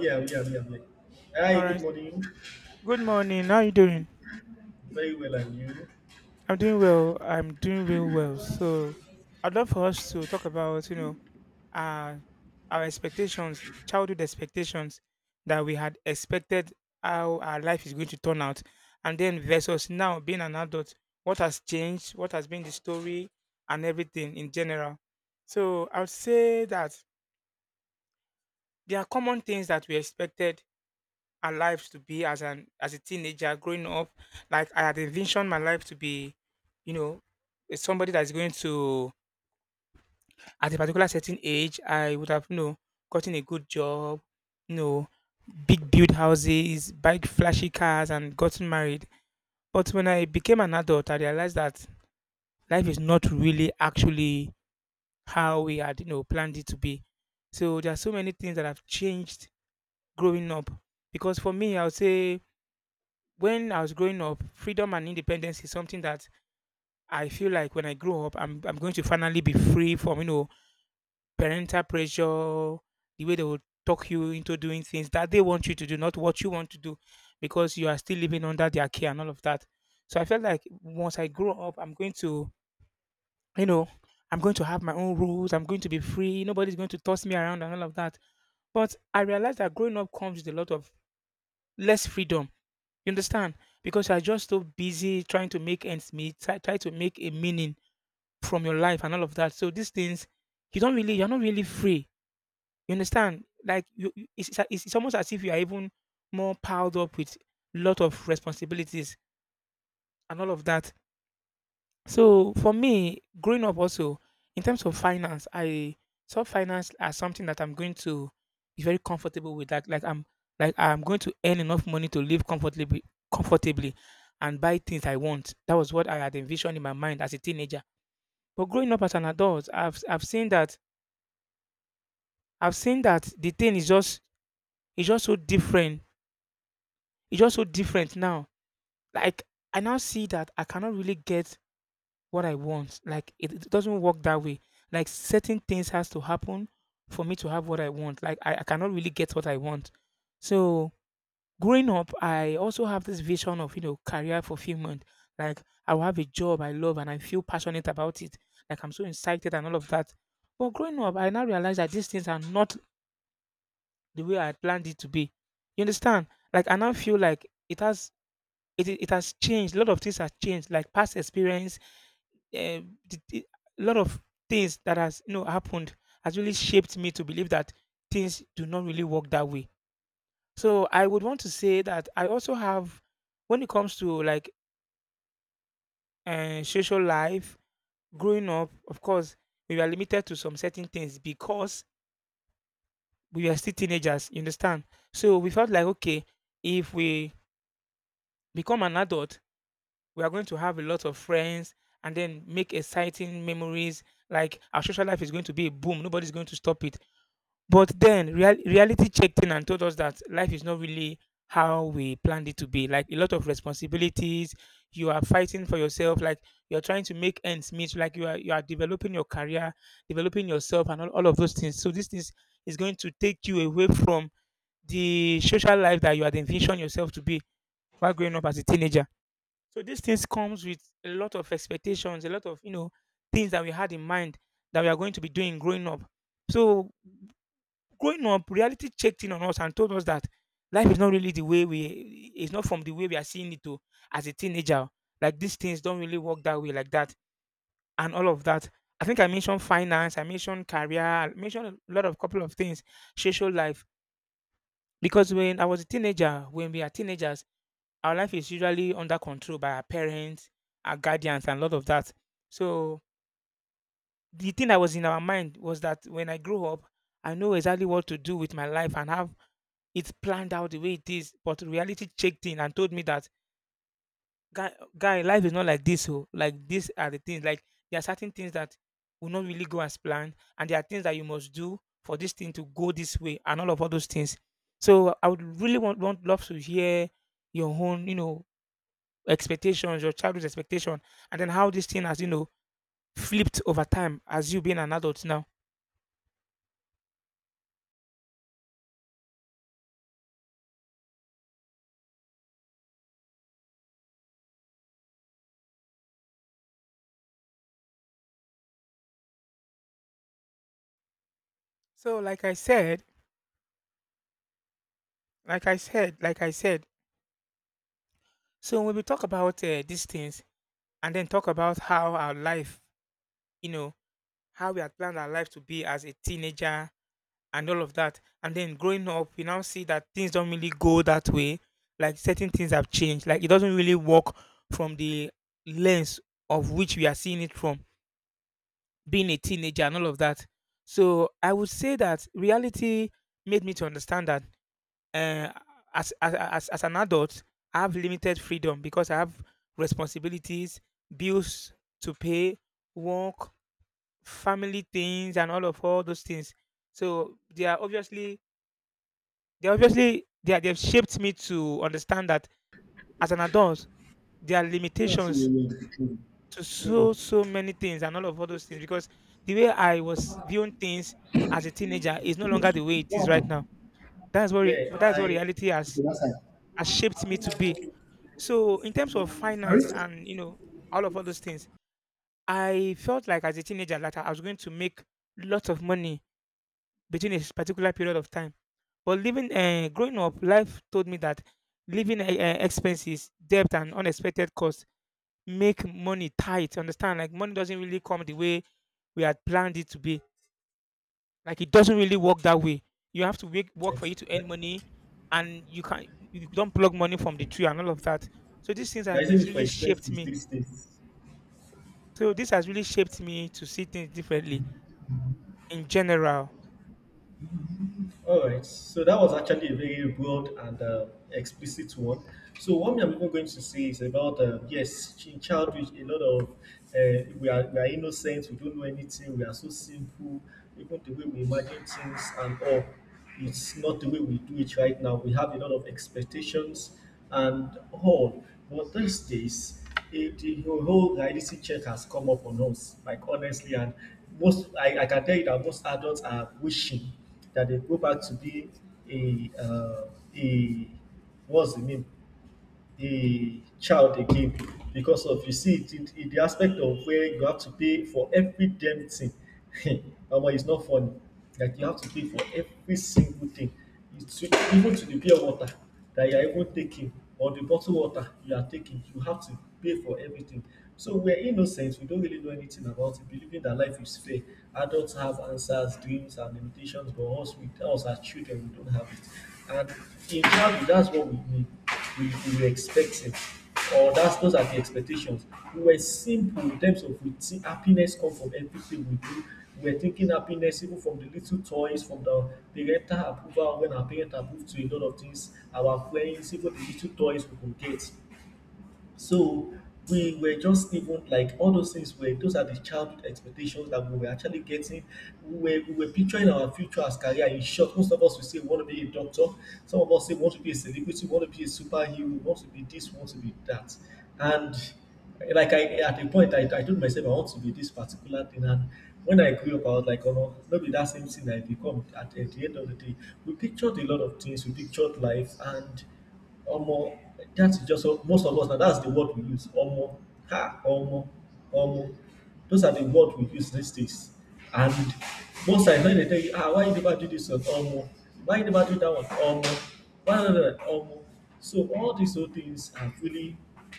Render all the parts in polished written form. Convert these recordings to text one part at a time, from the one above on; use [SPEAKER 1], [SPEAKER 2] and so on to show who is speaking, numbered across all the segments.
[SPEAKER 1] Yeah, yeah, yeah, yeah. Hi,
[SPEAKER 2] All right.
[SPEAKER 1] good morning.
[SPEAKER 2] Good morning. How are you doing?
[SPEAKER 1] Very well, and you?
[SPEAKER 2] I'm doing well. I'm doing real well. So, I'd love for us to talk about, uh, our expectations, childhood expectations that we had expected how our life is going to turn out, and then versus now being an adult, what has changed, what has been the story, and everything in general. So, I would say that there are common things that we expected our lives to be as a teenager growing up. Like I had envisioned my life to be, you know, somebody that's going to, at a particular certain age, I would have gotten a good job, you know, big build houses, buy flashy cars, and gotten married. But when I became an adult, I realized that life is not really actually how we had planned it to be. So there are so many things that have changed growing up. Because for me, I would say when I was growing up, freedom and independence is something that I feel like when I grow up, I'm going to finally be free from parental pressure, the way they will talk you into doing things that they want you to do, not what you want to do, because you are still living under their care and all of that. So I felt like once I grow up, I'm going to, you know, I'm going to have my own rules. I'm going to be free. Nobody's going to toss me around and all of that. But I realized that growing up comes with a lot of less freedom, you understand? Because you're just so busy trying to make ends meet, try to make a meaning from your life and all of that. So these things, you don't really, you're not really free. You understand? Like it's it's almost as if you are even more piled up with lot of responsibilities and all of that. So for me, growing up also, in terms of finance, I saw finance as something that I'm going to be very comfortable with. Like I'm going to earn enough money to live comfortably and buy things I want. That was what I had envisioned in my mind as a teenager. But growing up as an adult, I've seen that I've seen that the thing is just it's just so different. It's just so different now. Like I now see that I cannot really get what I want. Like it doesn't work that way. Like certain things has to happen for me to have what I want. Like I cannot really get what I want. So growing up, I also have this vision of career fulfillment. Like I will have a job I love and I feel passionate about it. Like I'm so excited and all of that. But growing up, I now realize that these things are not the way I planned it to be. You understand? Like I now feel like it has it has changed. A lot of things have changed. Like past experience, uh, the, the- a lot of things that has happened has really shaped me to believe that things do not really work that way. So I would want to say that I also have, when it comes to like social life, growing up, of course, we were limited to some certain things because we were still teenagers. You understand? So we felt like, okay, if we become an adult, we are going to have a lot of friends and then make exciting memories. Like our social life is going to be a boom. Nobody's going to stop it. But then reality checked in and told us that life is not really how we planned it to be. Like a lot of responsibilities, you are fighting for yourself, like you're trying to make ends meet, like you are developing your career, developing yourself and all of those things. So this is going to take you away from the social life that you had envisioned yourself to be while growing up as a teenager. So these things comes with a lot of expectations, a lot of things that we had in mind that we are going to be doing growing up. So growing up, reality checked in on us and told us that life is not really the way we, it's not from the way we are seeing it to as a teenager. Like these things don't really work that way like that and all of that. I think I mentioned finance, I mentioned career, I mentioned a lot of couple of things, social life. Because when I was a teenager, when we are teenagers, our life is usually under control by our parents, our guardians, and a lot of that. So the thing that was in our mind was that when I grow up, I know exactly what to do with my life and have it's planned out the way it is, but reality checked in and told me that, guy, guy, life is not like this. Oh, like these are the things. Like there are certain things that will not really go as planned, and there are things that you must do for this thing to go this way, and all of all those things. So I would really want love to hear your own, expectations, your childhood expectation, and then how this thing has, flipped over time as you being an adult now. So, like I said, like I said, like I said, so when we talk about these things, and then talk about how our life, you know, how we had planned our life to be as a teenager and all of that. And then growing up, we now see that things don't really go that way. Like certain things have changed. Like it doesn't really work from the lens of which we are seeing it from being a teenager and all of that. So I would say that reality made me to understand that, uh, as an adult, I have limited freedom because I have responsibilities, bills to pay, work, family things, and all of all those things. So they are obviously, they are obviously, they've shaped me to understand that as an adult there are
[SPEAKER 1] Yeah, sure, yeah,
[SPEAKER 2] limitations
[SPEAKER 1] yeah, sure.
[SPEAKER 2] to
[SPEAKER 1] Hmm.
[SPEAKER 2] so many things and all of all those things because the way I was viewing things as a teenager is no longer the
[SPEAKER 1] Good.
[SPEAKER 2] way it
[SPEAKER 1] What
[SPEAKER 2] is right now.
[SPEAKER 1] happened? Yeah,
[SPEAKER 2] That's what
[SPEAKER 1] I
[SPEAKER 2] reality
[SPEAKER 1] Okay, that's it.
[SPEAKER 2] has shaped me to be. So in terms of
[SPEAKER 1] Sorry?
[SPEAKER 2] finance and all of all those things, I felt like as a teenager that I was going to make lots of money between particular period of time. But living, growing up, life told me that living expenses, debt, and unexpected costs make money tight. Understand? Like money doesn't really come the way we had planned it to be. Like it doesn't really work that way. You have to work for you to earn
[SPEAKER 1] What?
[SPEAKER 2] money, and you can not, you don't plug money from the tree and all of that. So these things
[SPEAKER 1] Yeah,
[SPEAKER 2] have
[SPEAKER 1] I said it for
[SPEAKER 2] really shaped
[SPEAKER 1] expenses
[SPEAKER 2] me.
[SPEAKER 1] these days.
[SPEAKER 2] So this has really shaped me to see things differently in general.
[SPEAKER 1] All right, so that was actually a very broad and explicit one. So what I'm even going to say is about yes, in childhood, a lot of we are innocent, we don't know anything, we are so simple, even the way we imagine things and all. It's not the way we do it right now. We have a lot of expectations and all. But these days, the whole reality check has come up on us, like honestly, and most I can tell you that most adults are wishing that they go back to be a uh, a what's the name, the child again, because of, you see it, the aspect of where you have to pay for every damn thing. Omo, it's not funny. Like you have to pay for every single thing. Even to the pure water that you are even taking, or the bottled water you are taking. You have to pay for everything. So we're innocent. We don't really know anything about it, believing that life is fair. Adults have answers, dreams, and limitations, but us, us as children, we don't have it. And in childhood, that's what we need, we were expecting, or that's, those are the expectations. We were simple in terms of, we think happiness comes from everything we do. We were thinking happiness even from the little toys, from the parental approval when our parents approve to a lot of things, our friends, even the little toys we could get. So we were just even like all those things were, those are the childhood expectations that we were actually getting. We were picturing our future as career. In short, most of us will say we want to be a doctor. Some of us say we want to be a celebrity, we want to be a superhero, we want to be this, we want to be that. And like, I at a point I told myself I want to be this particular thing, and when I grew up I was like, oh no, maybe that same thing I become, at the end of the day. We pictured a lot of things, we pictured life and Omo, that's just most of us now, that's the word we use. Omo, ah, omo, omo. Those are the word we use these days. And most times when they tell you, ah, why you never do this one? Omo, why you never do that one? Omo, why not that? Omo. So all these old things are really,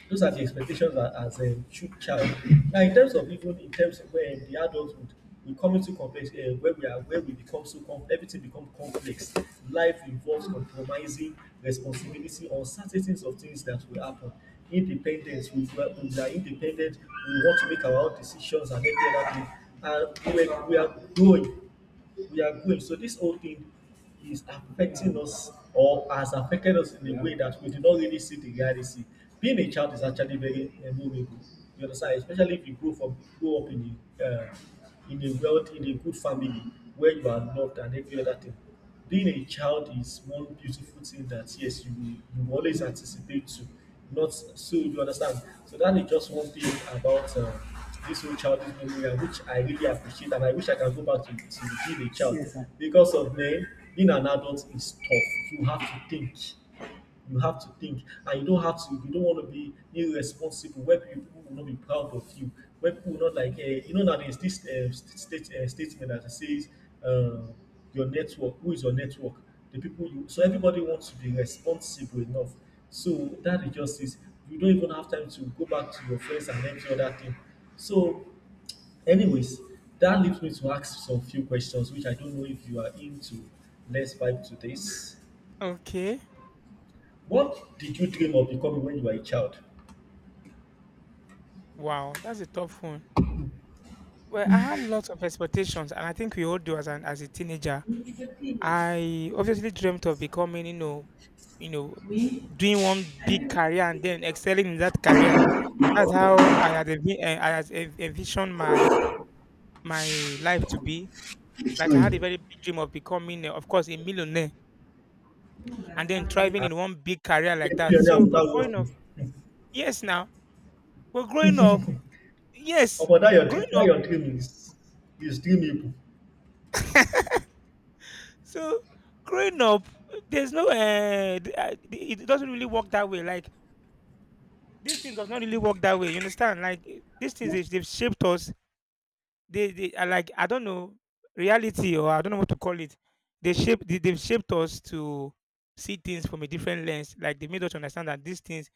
[SPEAKER 1] those are the expectations that as a child. Now in terms of, even in terms of when the adulthood, we coming too complex, where we are, where we become so com everything become complex. Life involves compromising, responsibility, uncertainties of things that will happen, independence. We are independent, we want to make our own decisions and every other thing, and we are growing, we are going. So this whole thing is affecting us, or has affected us, in a way that we do not really see the reality. Being a child is actually very memorable. You understand, especially if you grow up in a wealth in a good family where you are loved and every other thing. Being a child is one beautiful thing that, yes, you always anticipate to, not so, you understand. So that is just one thing about this whole childhood memory, which I really appreciate, and I wish I can go back to being a child. Yes, sir. Because of men, being an adult is tough. You have to think and you don't have to. If you don't want to be irresponsible, where people will not be proud of you, where people will not like, you know, now there's this statement that says, uh, your network, who is your network, the people you. So everybody wants to be responsible enough. So that is just is, you don't even have time to go back to your friends and empty other thing. So, anyways, that leaves me to ask some few questions, which I don't know if you are into. Let's vibe to this.
[SPEAKER 2] Okay.
[SPEAKER 1] What did you dream of becoming when you were a child?
[SPEAKER 2] Wow, that's a tough one. Well, I had lots of expectations, and I think we all do as an as a teenager.
[SPEAKER 1] Me?
[SPEAKER 2] I obviously dreamt of becoming, you know, doing one
[SPEAKER 1] I
[SPEAKER 2] big
[SPEAKER 1] didn't.
[SPEAKER 2] career and then excelling in that career. That's how I had envisioned my life to be. Like I had a
[SPEAKER 1] Literally.
[SPEAKER 2] very big dream of becoming, eh, of course, a millionaire and then
[SPEAKER 1] Understand anything.
[SPEAKER 2] thriving
[SPEAKER 1] And a
[SPEAKER 2] in one big career like that.
[SPEAKER 1] millionaire
[SPEAKER 2] So, but
[SPEAKER 1] without
[SPEAKER 2] growing up,
[SPEAKER 1] working.
[SPEAKER 2] yes, now, but growing up,
[SPEAKER 1] Oh,
[SPEAKER 2] yes,
[SPEAKER 1] but that your,
[SPEAKER 2] growing
[SPEAKER 1] that
[SPEAKER 2] up.
[SPEAKER 1] your dream is, dreamable.
[SPEAKER 2] So growing up, there's no. It it doesn't really work that way. Like this thing does not really work that way. You understand? Like eh, these things, they've shaped us. They are like, I don't know, reality or I don't know what to call it. They've shaped us to see things from a different lens. Like they made us understand that these things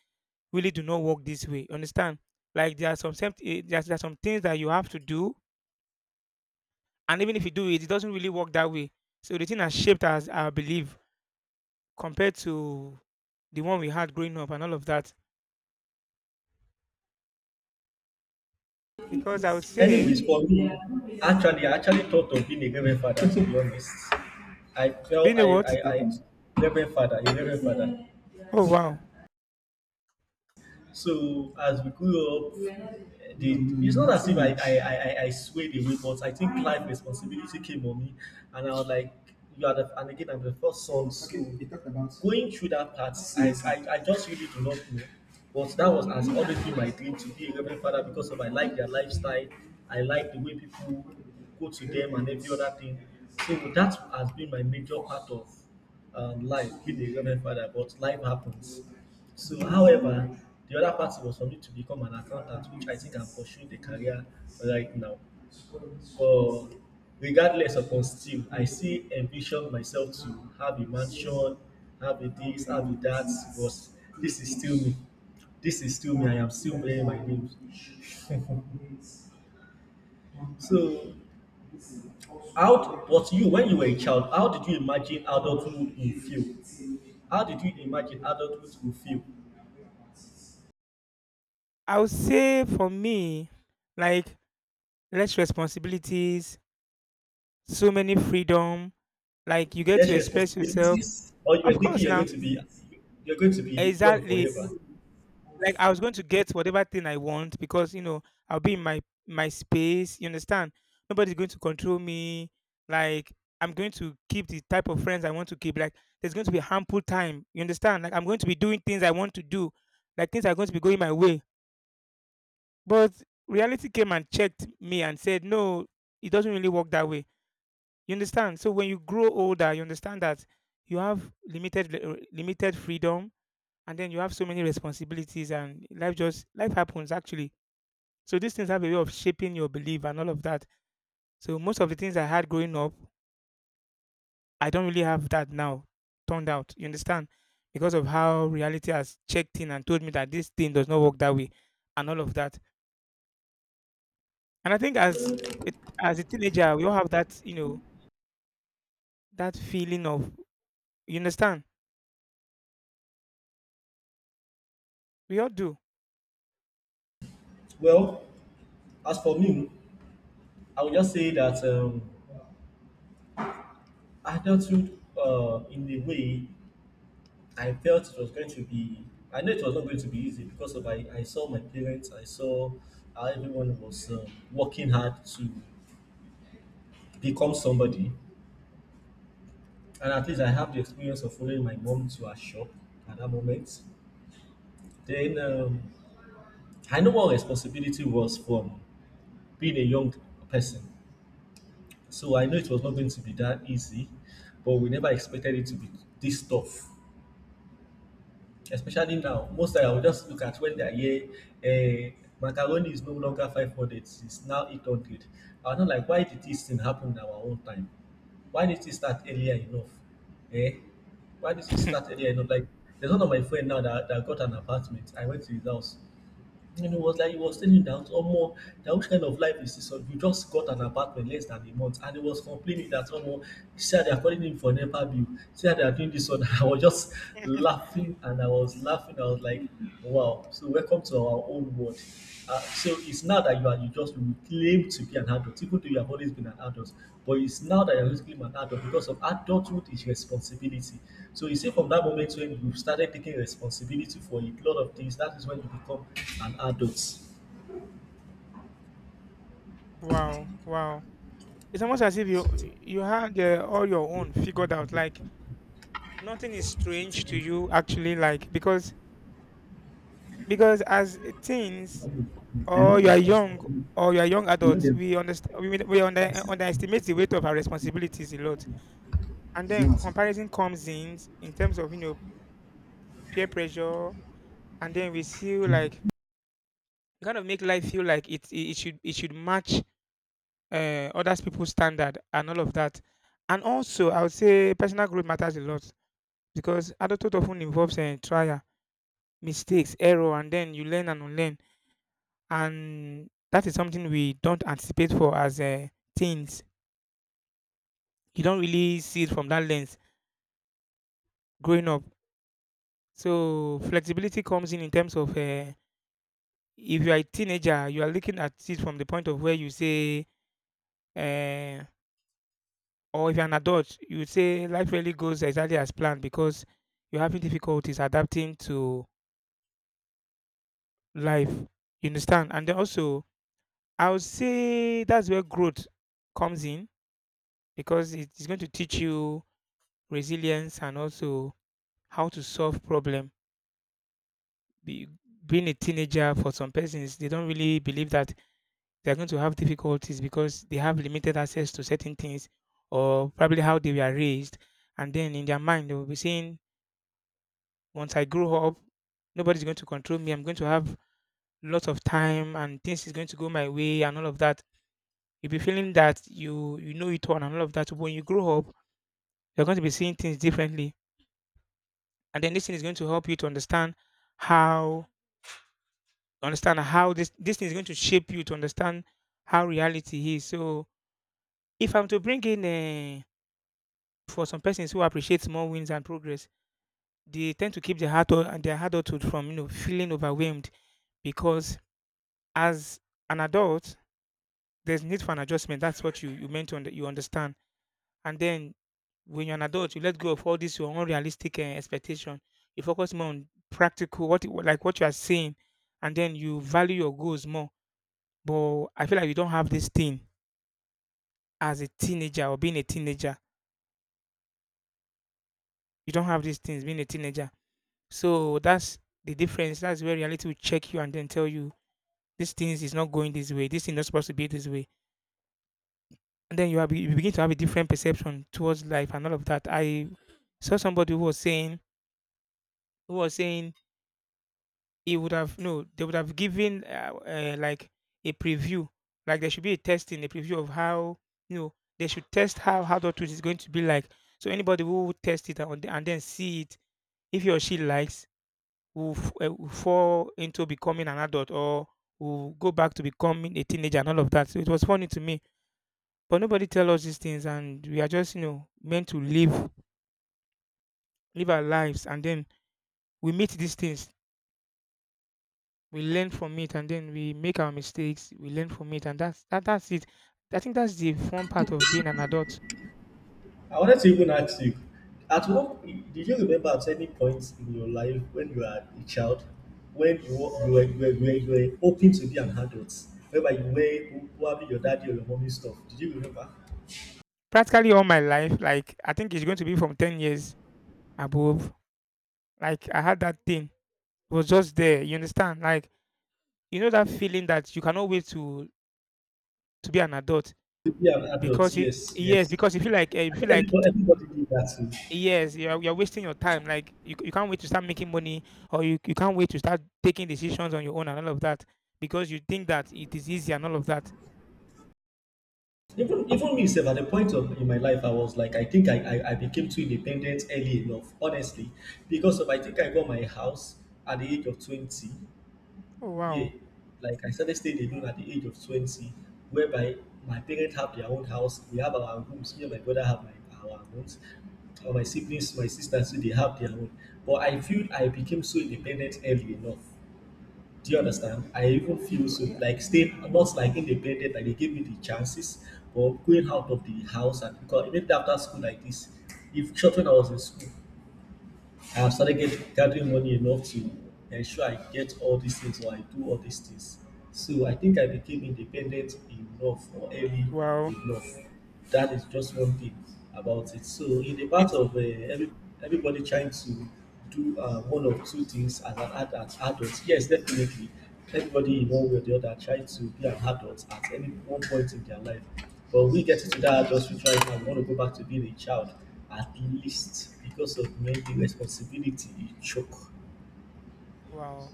[SPEAKER 2] really do not work this way. You understand? There's, there are some things that you have to do, and even if you do it, it doesn't really work that way. So the thing has shaped us, our belief compared to the one we had growing up and all of that. Because I would say,
[SPEAKER 1] Anyways, for me, actually, I actually thought of being a reverend father, to be honest. I felt
[SPEAKER 2] being a
[SPEAKER 1] I,
[SPEAKER 2] what?
[SPEAKER 1] I reverend father, a reverend father.
[SPEAKER 2] Oh wow!
[SPEAKER 1] So as we grew up, the, it's not as if I swayed away, but I think life responsibility came on me, and I was like, and again, I'm the first son, so okay, you talked about going through that part. I just really do not know. But that was has always been my dream to be a reverend father, because of I like their lifestyle, I like the way people go to them and every other thing. So that has been my major part of life with a reverend father, but life happens. So, however, the other part was for me to become an accountant, which I think I'm pursuing the career right now. But regardless upon still, I still envision myself to have a mansion, have a this, have a that, but this is still me. This is still me. I am still playing my games. So, how? But you, when you were a child, how did you imagine adulthood will feel? How did you imagine adulthood will feel?
[SPEAKER 2] I would say for me, like less responsibilities, so many freedom. Like you get to
[SPEAKER 1] Less
[SPEAKER 2] express yourself.
[SPEAKER 1] responsibilities, or you
[SPEAKER 2] Of
[SPEAKER 1] were thinking
[SPEAKER 2] course,
[SPEAKER 1] you're
[SPEAKER 2] now
[SPEAKER 1] going to be you're going to be young
[SPEAKER 2] exactly,
[SPEAKER 1] forever.
[SPEAKER 2] like I was going to get whatever thing I want because you know I'll be in my space. You understand? Nobody's going to control me. Like I'm going to keep the type of friends I want to keep. Like there's going to be ample time. You understand? Like I'm going to be doing things I want to do. Like things are going to be going my way. But reality came and checked me and said, no, it doesn't really work that way. You understand? So when you grow older, you understand that you have limited limited freedom, and then you have so many responsibilities and life just life happens actually, so these things have a way of shaping your belief and all of that. So most of the things I had growing up, I don't really have that now. Turned out, you understand, because of how reality has checked in and told me that this thing does not work that way, and all of that. And I think it, as a teenager, we all have that, you know, that feeling of, you understand, we all do.
[SPEAKER 1] Well, as for me, I would just say that adulthood, in a way, I felt it was going to be. I know it was not going to be easy, because of I saw my parents, I saw how everyone was working hard to become somebody, and at least I have the experience of following my mom to her shop at that moment. Then I know what responsibility was from being a young person. So I know it was not going to be that easy, but we never expected it to be this tough. Especially now, most time I will just look at when they are here. Uh, macaroni is no longer 500; it's now 800. I'm not like, why did this thing happen in our own time? Why did it start earlier enough? Eh? Why did it start earlier enough? Like, there's one of my friend now that got an apartment. I went to his house. And he was like, he was telling that, Omo, that which kind of life is this one? You just got an apartment less than a month, and he was complaining that, Omo, he said they are calling him for NEPA bill, said they are doing this one. I was just laughing, and I was laughing. I was like, wow. So welcome to our own world. So it's now that you just you claim to be an adult, even though you have always been an adult, but it's now that you're basically an adult, because of adulthood is responsibility. So you see, from that moment when you started taking responsibility for a lot of things, that is when you become an adult. So
[SPEAKER 2] Wow, wow. It's almost as if you had all your own figured out. Like nothing is strange
[SPEAKER 1] take it.
[SPEAKER 2] to you actually. Like because as teens
[SPEAKER 1] Okay. I, and
[SPEAKER 2] or
[SPEAKER 1] know
[SPEAKER 2] you
[SPEAKER 1] you
[SPEAKER 2] are
[SPEAKER 1] talk so
[SPEAKER 2] young
[SPEAKER 1] much.
[SPEAKER 2] or you are young
[SPEAKER 1] You know
[SPEAKER 2] adult,
[SPEAKER 1] them.
[SPEAKER 2] we understand
[SPEAKER 1] I see.
[SPEAKER 2] underestimate the weight of our responsibilities a lot. And
[SPEAKER 1] It's
[SPEAKER 2] then
[SPEAKER 1] not answer.
[SPEAKER 2] comparison comes in terms of you know peer pressure, and then we feel like we kind of make life feel like it should match others people's standard and all of that. And also, I would say personal growth matters a lot because adulthood often involves trial, mistakes, error, and then you learn and unlearn. And that is something we don't anticipate for as teens. You don't really see it from that lens growing up. So flexibility comes in terms of if you are a teenager, you are looking at it from the point of where you say, uh, or if you're an adult, you would say life really goes exactly as planned because you're having difficulties adapting to life. You understand? And then also, I would say that's where growth comes in because it is going to teach you resilience and also how to solve problems. be, Being a teenager, for some persons, they don't really believe that they're going to have difficulties because they have limited access to certain things or probably how they were raised. And then in their mind, they will be saying, once I grow up, nobody's going to control me. I'm going to have lots of time and things is going to go my way and all of that. You'll be feeling that you know it all and all of that. So when you grow up, you're going to be seeing things differently. And then this thing is going to help you to understand how how this thing is going to shape you to understand how reality is. So if I'm to bring in uh, for some persons who appreciate small wins and progress, they tend to keep their heart and their adulthood from you know feeling overwhelmed because as an adult, there's need for an adjustment. That's what you meant to you understand. And then when you're an adult, you let go of all this your unrealistic expectation. You focus more on practical like what you are saying, and then you value your goals more. But I feel like you don't have this thing as a teenager or being a teenager. You don't have these things being a teenager. So that's the difference. That's where reality will check you and then tell you these things is not going this way. This thing is not supposed to be this way. And then you begin to have a different perception towards life and all of that. I saw somebody who was saying he would have no, they would have given like a preview, like there should be a testing, a preview of how you know they should test how adulthood is going to be like. So anybody who would test it and then see it, if he or she likes, who fall into becoming an adult or who go back to becoming a teenager and all of that. So it was funny to me. But nobody tell us these things and we are just, you know, meant to live our lives, and then we meet these things. We learn from it and then we make our mistakes. We learn from it, and that's that's it. I think that's the fun part of being an adult.
[SPEAKER 1] I wanted to even ask you, at what did you remember at any point in your life when you were a child, when you were, you were, you were, you were, you were hoping to be an adult, whereby you were probably your daddy or your mommy stuff? Did you remember
[SPEAKER 2] Practically all my life, like I think it's going to be from 10 years above. Like I had that thing. It was just there. You understand? Like you know that feeling that you cannot wait to be an adult
[SPEAKER 1] to be an adult?
[SPEAKER 2] because you,
[SPEAKER 1] Yes,
[SPEAKER 2] yes,
[SPEAKER 1] yes.
[SPEAKER 2] because you feel like you
[SPEAKER 1] I
[SPEAKER 2] feel
[SPEAKER 1] think
[SPEAKER 2] like
[SPEAKER 1] everybody did that too.
[SPEAKER 2] yes, you're wasting your time. Like you can't wait to start making money, or you can't wait to start taking decisions on your own and all of that because you think that it is easy and all of that.
[SPEAKER 1] Even me self at a point of in my life I was like, I think I became too independent early enough, honestly. Because of I think I got my house at the age of 20.
[SPEAKER 2] Oh
[SPEAKER 1] Yeah,
[SPEAKER 2] wow!
[SPEAKER 1] like I started staying alone at the age of 20, whereby my parents have their own house, we have our rooms, me and my brother have my, our rooms, or my siblings, my sisters, so they have their own. But I feel I became so independent early enough. Do you understand? I even feel
[SPEAKER 2] Also,
[SPEAKER 1] so
[SPEAKER 2] yeah,
[SPEAKER 1] like staying not
[SPEAKER 2] wow!
[SPEAKER 1] like independent, like they gave me the chances, but going out of the house. And because even after school like this, if short when I was in school, I have started gathering money enough to ensure I get all these things or I do all these things. So I think I became independent enough or early
[SPEAKER 2] Wow!
[SPEAKER 1] enough. That is just one thing about it. So in the part
[SPEAKER 2] It's
[SPEAKER 1] of every, everybody trying to do one or two things as an ad- as adult, yes, definitely. Everybody in one way or the other try to be an adult at any one point in their life. But we get into that adulthood right now, we want to go back to being a child at least because of maybe responsibility, you choke.
[SPEAKER 2] wow!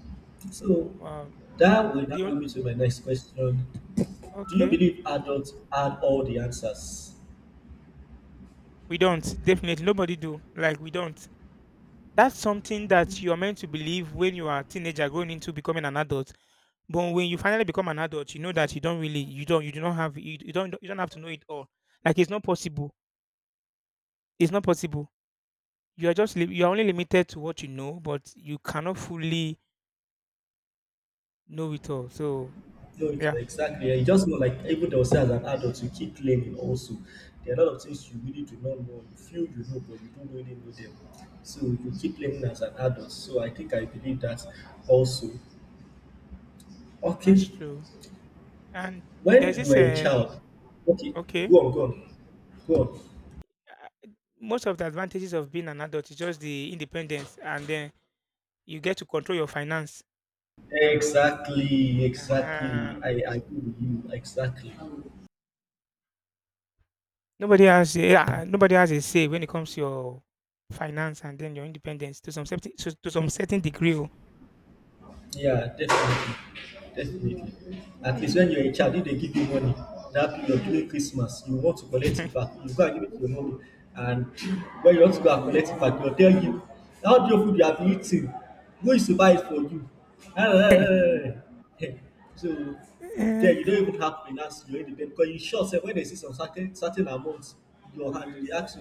[SPEAKER 1] So
[SPEAKER 2] Wow!
[SPEAKER 1] that will now
[SPEAKER 2] The,
[SPEAKER 1] bring me to my next question. Do you
[SPEAKER 2] okay,
[SPEAKER 1] believe adults had all the answers?
[SPEAKER 2] we don't, definitely nobody do, like we don't. That's something that you are meant to believe when you are a teenager going into becoming an adult. But when you finally become an adult, you know that you don't really, you don't, you do not have, you, you don't have to know it all. Like it's not possible. It's not possible. You are just, you are only limited to what you know, but you cannot fully know it all. So
[SPEAKER 1] No, it's
[SPEAKER 2] yeah,
[SPEAKER 1] exactly. You just know, like even they'll say as an adult, you keep learning also. There are a lot of things you really do not know. You feel you know, but you don't really know them. So you keep learning as an adult. So I think I believe that also.
[SPEAKER 2] that's
[SPEAKER 1] Okay.
[SPEAKER 2] true. And there's
[SPEAKER 1] When you
[SPEAKER 2] this,
[SPEAKER 1] were a child, okay,
[SPEAKER 2] okay,
[SPEAKER 1] go on, go on, go on.
[SPEAKER 2] uh, most of the advantages of being an adult is just the independence, and then you get to control your finance.
[SPEAKER 1] Exactly, exactly.
[SPEAKER 2] Uh-huh.
[SPEAKER 1] I agree with you. Exactly.
[SPEAKER 2] Nobody has a say when it comes to your finance and then your independence to to some certain degree. Oh.
[SPEAKER 1] Yeah, definitely. Definitely. At least when you're a child, if they give you money, that period during Christmas, you want to collect it back. You go and give it to your mommy. And when you want to go and collect it back, they'll tell you, how do you food you have eaten? Who is to buy it for you? So then you
[SPEAKER 2] Eh,
[SPEAKER 1] don't even have finance, you're in the debt. Because you sure say when they see some certain amounts, your hand reacts.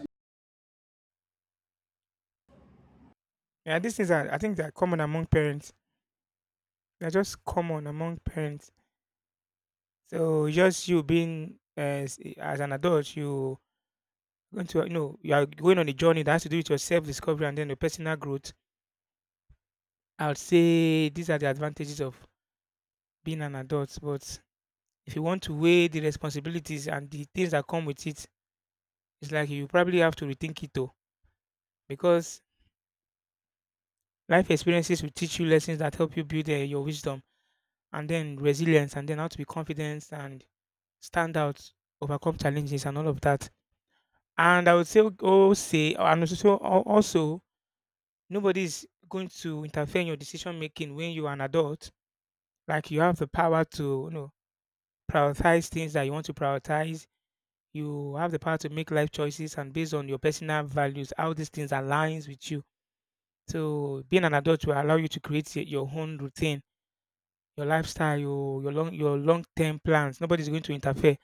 [SPEAKER 2] yeah, these things are, I think they're common among parents. They're just common among parents. So just you being as an adult, you going to you know you are going on a journey that has to do with your self discovery and then your personal growth. I would say these are the advantages of being an adult. But if you want to weigh the responsibilities and the things that come with it, it's like you probably have to rethink it though, because life experiences will teach you lessons that help you build your wisdom and then resilience and then how to be confident and stand out, overcome challenges and all of that. And I would say, oh, say, and also, so, al- also, nobody's going to interfere in your decision making when you are an adult. Like you have the power to, you know, prioritize things that you want to prioritize. You have the power to make life choices and based on your personal values, how these things aligns with you. So being an adult will allow you to create your own routine, your lifestyle, your long term plans. Nobody's going to interfere.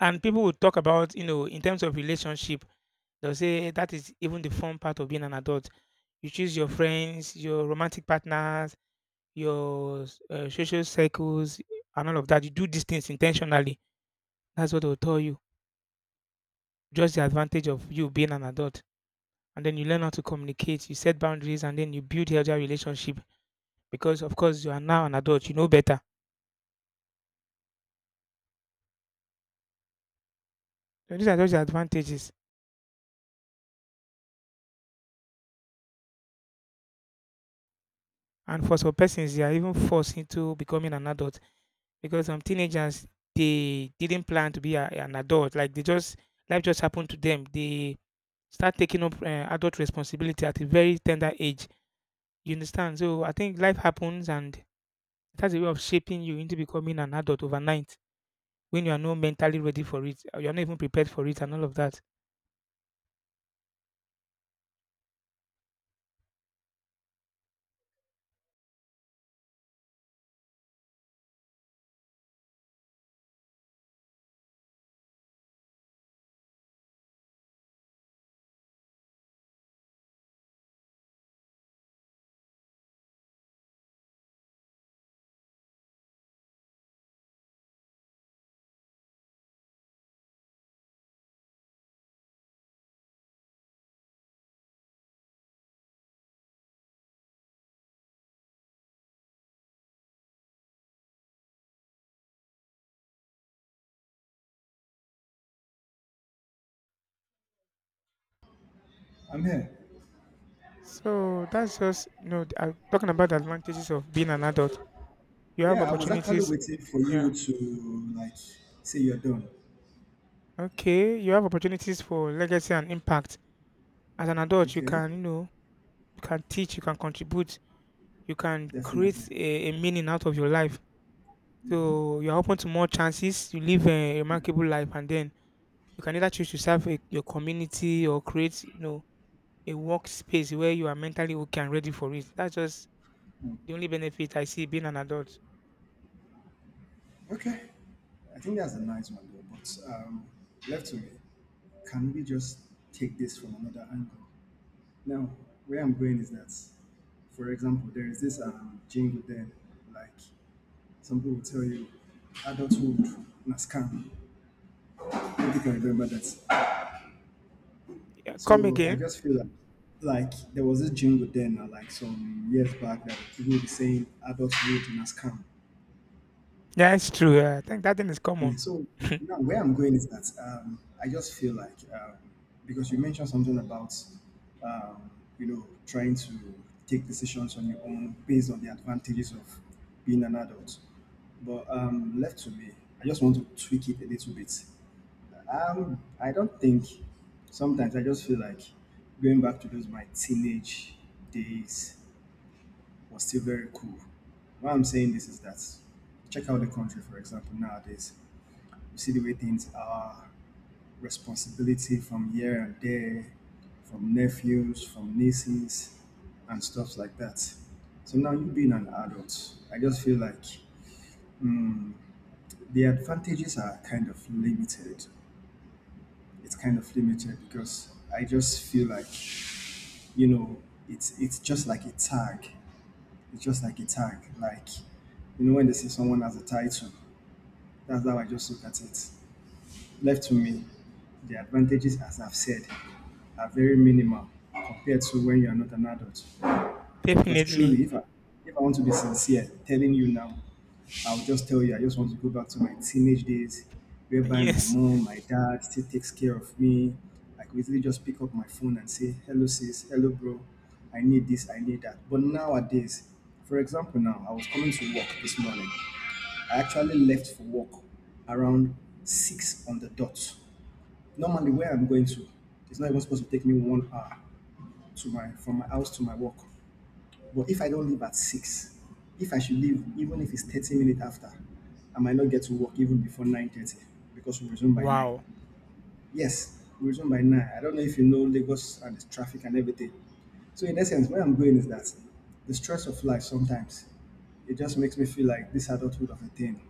[SPEAKER 2] And people will talk about, you know, in terms of relationship, they'll say, "Eh, that is even the fun part of being an adult. You choose your friends, your romantic partners, social circles, and all of that. You do these things intentionally." That's what they'll tell you. Just the advantage of you being an adult. And then you learn how to communicate, you set boundaries, and then you build healthier relationship because, of course, you are now an adult. You know better. So these are just the advantages. And for some persons, they are even forced into becoming an adult because some teenagers they didn't plan to be an adult. Like they just life just happened to them. They start taking up adult responsibility at a very tender age. You understand? So I think life happens and it has a way of shaping you into becoming an adult overnight when you are not mentally ready for it. Or you are not even prepared for it and all of that.
[SPEAKER 1] I'm here.
[SPEAKER 2] So that's just you know talking about the advantages of being an adult. You have
[SPEAKER 1] Yeah, I was actually
[SPEAKER 2] opportunities.
[SPEAKER 1] waiting for you
[SPEAKER 2] Yeah.
[SPEAKER 1] to like say you're done.
[SPEAKER 2] Okay, you have opportunities for legacy and impact. As an adult, you
[SPEAKER 1] Okay,
[SPEAKER 2] can, you know, you can teach, you can contribute, you can
[SPEAKER 1] definitely.
[SPEAKER 2] create a meaning out of your life. So you're open to more chances. You live a remarkable life, and then you can either choose to serve your community or create, you know, a workspace where you are mentally okay and ready for it. That's just the only benefit I see being an adult.
[SPEAKER 1] Okay, I think that's a nice one though. But left to me, can we just take this from another angle? Now, where I'm going is that, for example, there is this jingle there, like some people will tell you, adulthood na scam. Hope you can remember that.
[SPEAKER 2] Yeah, come
[SPEAKER 1] So I
[SPEAKER 2] again.
[SPEAKER 1] just feel like there was this jingle then, like some years back, that people would be saying adulthood in a come."
[SPEAKER 2] Yeah, it's true. Yeah, I think that thing is common.
[SPEAKER 1] Mm, so now where I'm going is that I just feel like because you mentioned something about um, you know trying to take decisions on your own based on the advantages of being an adult, but left to me, I just want to tweak it a little bit. I don't think. Sometimes I just feel like going back to those my teenage days was still very cool. Why I'm saying this is that check out the country, for example, nowadays. You see the way things are, responsibility from here and there, from nephews, from nieces, and stuff like that. So now you being an adult, I just feel like mm, the advantages are kind of limited. It's kind of limited because I just feel like you know it's just like a tag. It's just like a tag. Like you know when they say someone has a title, that's how I just look at it. Left to me, the advantages as I've said are very minimal compared to when you are not an adult. Because
[SPEAKER 2] Definitely.
[SPEAKER 1] truly, if I want to be sincere, telling you now, I'll just tell you I just want to go back to my teenage days, whereby my
[SPEAKER 2] Yes.
[SPEAKER 1] mom, my dad still takes care of me. I could easily just pick up my phone and say, "Hello, sis. Hello, bro. I need this. I need that." But nowadays, for example, now I was coming to work this morning. I actually left for work around 6 on the dot. Normally, where I'm going to, it's not even supposed to take me 1 hour to my from my house to my work. But if I don't leave at 6, if I should leave, even if it's 30 minutes after, I might not get to work even before 9:30 because we resume by 9.
[SPEAKER 2] Wow.
[SPEAKER 1] Yes, we resume by 9. I don't know if you know Lagos and the traffic and everything. So in essence, where I'm going is that the stress of life sometimes it just makes me feel like this adulthood of a thing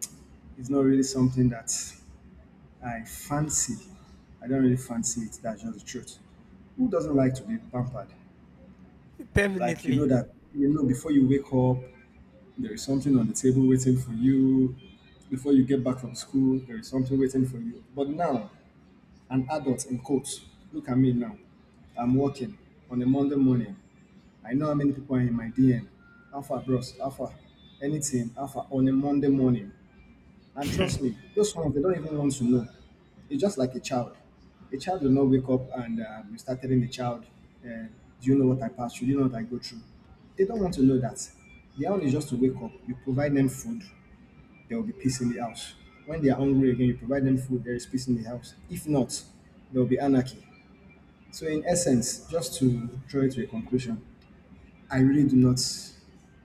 [SPEAKER 1] is not really something that I fancy. I don't really fancy it. That's just the truth. Who doesn't like to be pampered? Like you
[SPEAKER 2] Definitely.
[SPEAKER 1] know that you know before you wake up, there is something on the table waiting for you. Before you get back from school, there is something waiting for you. But now, an adult in quotes, look at me now. I'm working on a Monday morning. I know how many people are in my DM. Alpha bros, Alpha, anything, Alpha on a Monday morning. And trust me, those ones they don't even want to know. It's just like a child. A child will not wake up and you start telling a child, uh, "Do you know what I passed through? Do you know what I go through?" They don't want to know that. Their own is just to wake up. You provide them food, there will be peace in the house. When they are hungry again, you provide them food. There is peace in the house. If not, there will be anarchy. So, in essence, just to draw it to a conclusion, I really do not.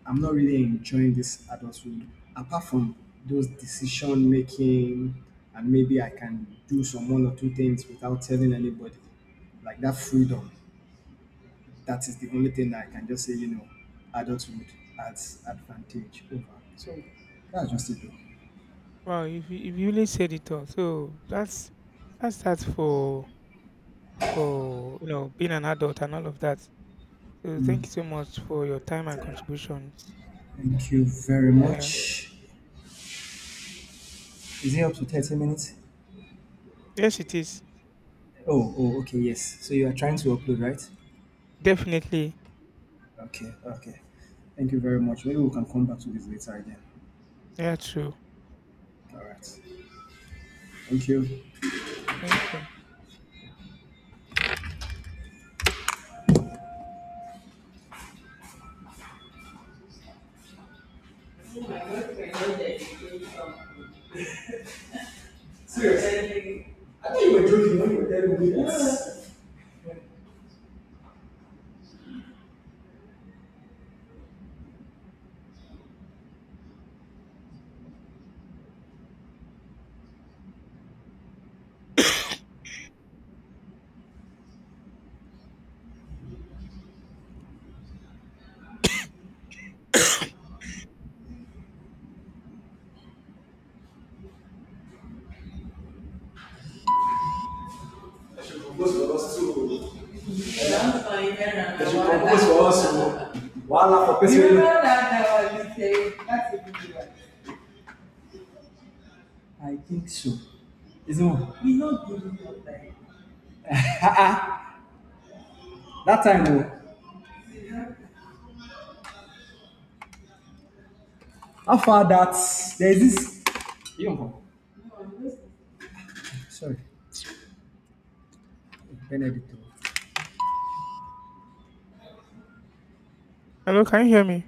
[SPEAKER 1] I'm not really enjoying this adulthood, apart from those decision making, and maybe I can do some one or two things without telling anybody. Like that freedom, that is the only thing that I can just say, you know, adulthood adds advantage over. So that's just it. Though.
[SPEAKER 2] Wow, if you really said it all. So that's that for you know being an adult and all of that. So thank
[SPEAKER 1] Mm,
[SPEAKER 2] you so much for your time and contributions.
[SPEAKER 1] thank you very
[SPEAKER 2] Yeah.
[SPEAKER 1] much. Is it up to 30 minutes?
[SPEAKER 2] Yes it is.
[SPEAKER 1] Oh, oh, okay, yes. So you are trying to
[SPEAKER 2] Mm.
[SPEAKER 1] upload, right?
[SPEAKER 2] Definitely.
[SPEAKER 1] Okay, okay. Thank you very much. Maybe we can come back to this later again.
[SPEAKER 2] Yeah, true.
[SPEAKER 1] All right. Thank you.
[SPEAKER 2] Thank you.
[SPEAKER 1] There's a purpose for us. Oh. Purpose. You know you. That I was saying that's a good one. I think so. Isn't it? He's not giving up like that time. Oh, how far that there is this. You don't come. No, I'm just sorry, Benedict.
[SPEAKER 2] Hello, can you hear me?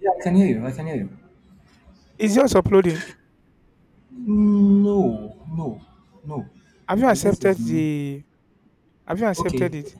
[SPEAKER 1] Yeah, I can hear you. I can hear you.
[SPEAKER 2] Is yours uploading?
[SPEAKER 1] No, no, no.
[SPEAKER 2] Have you
[SPEAKER 1] I guess
[SPEAKER 2] accepted
[SPEAKER 1] it's n-
[SPEAKER 2] the have you
[SPEAKER 1] okay.
[SPEAKER 2] accepted it?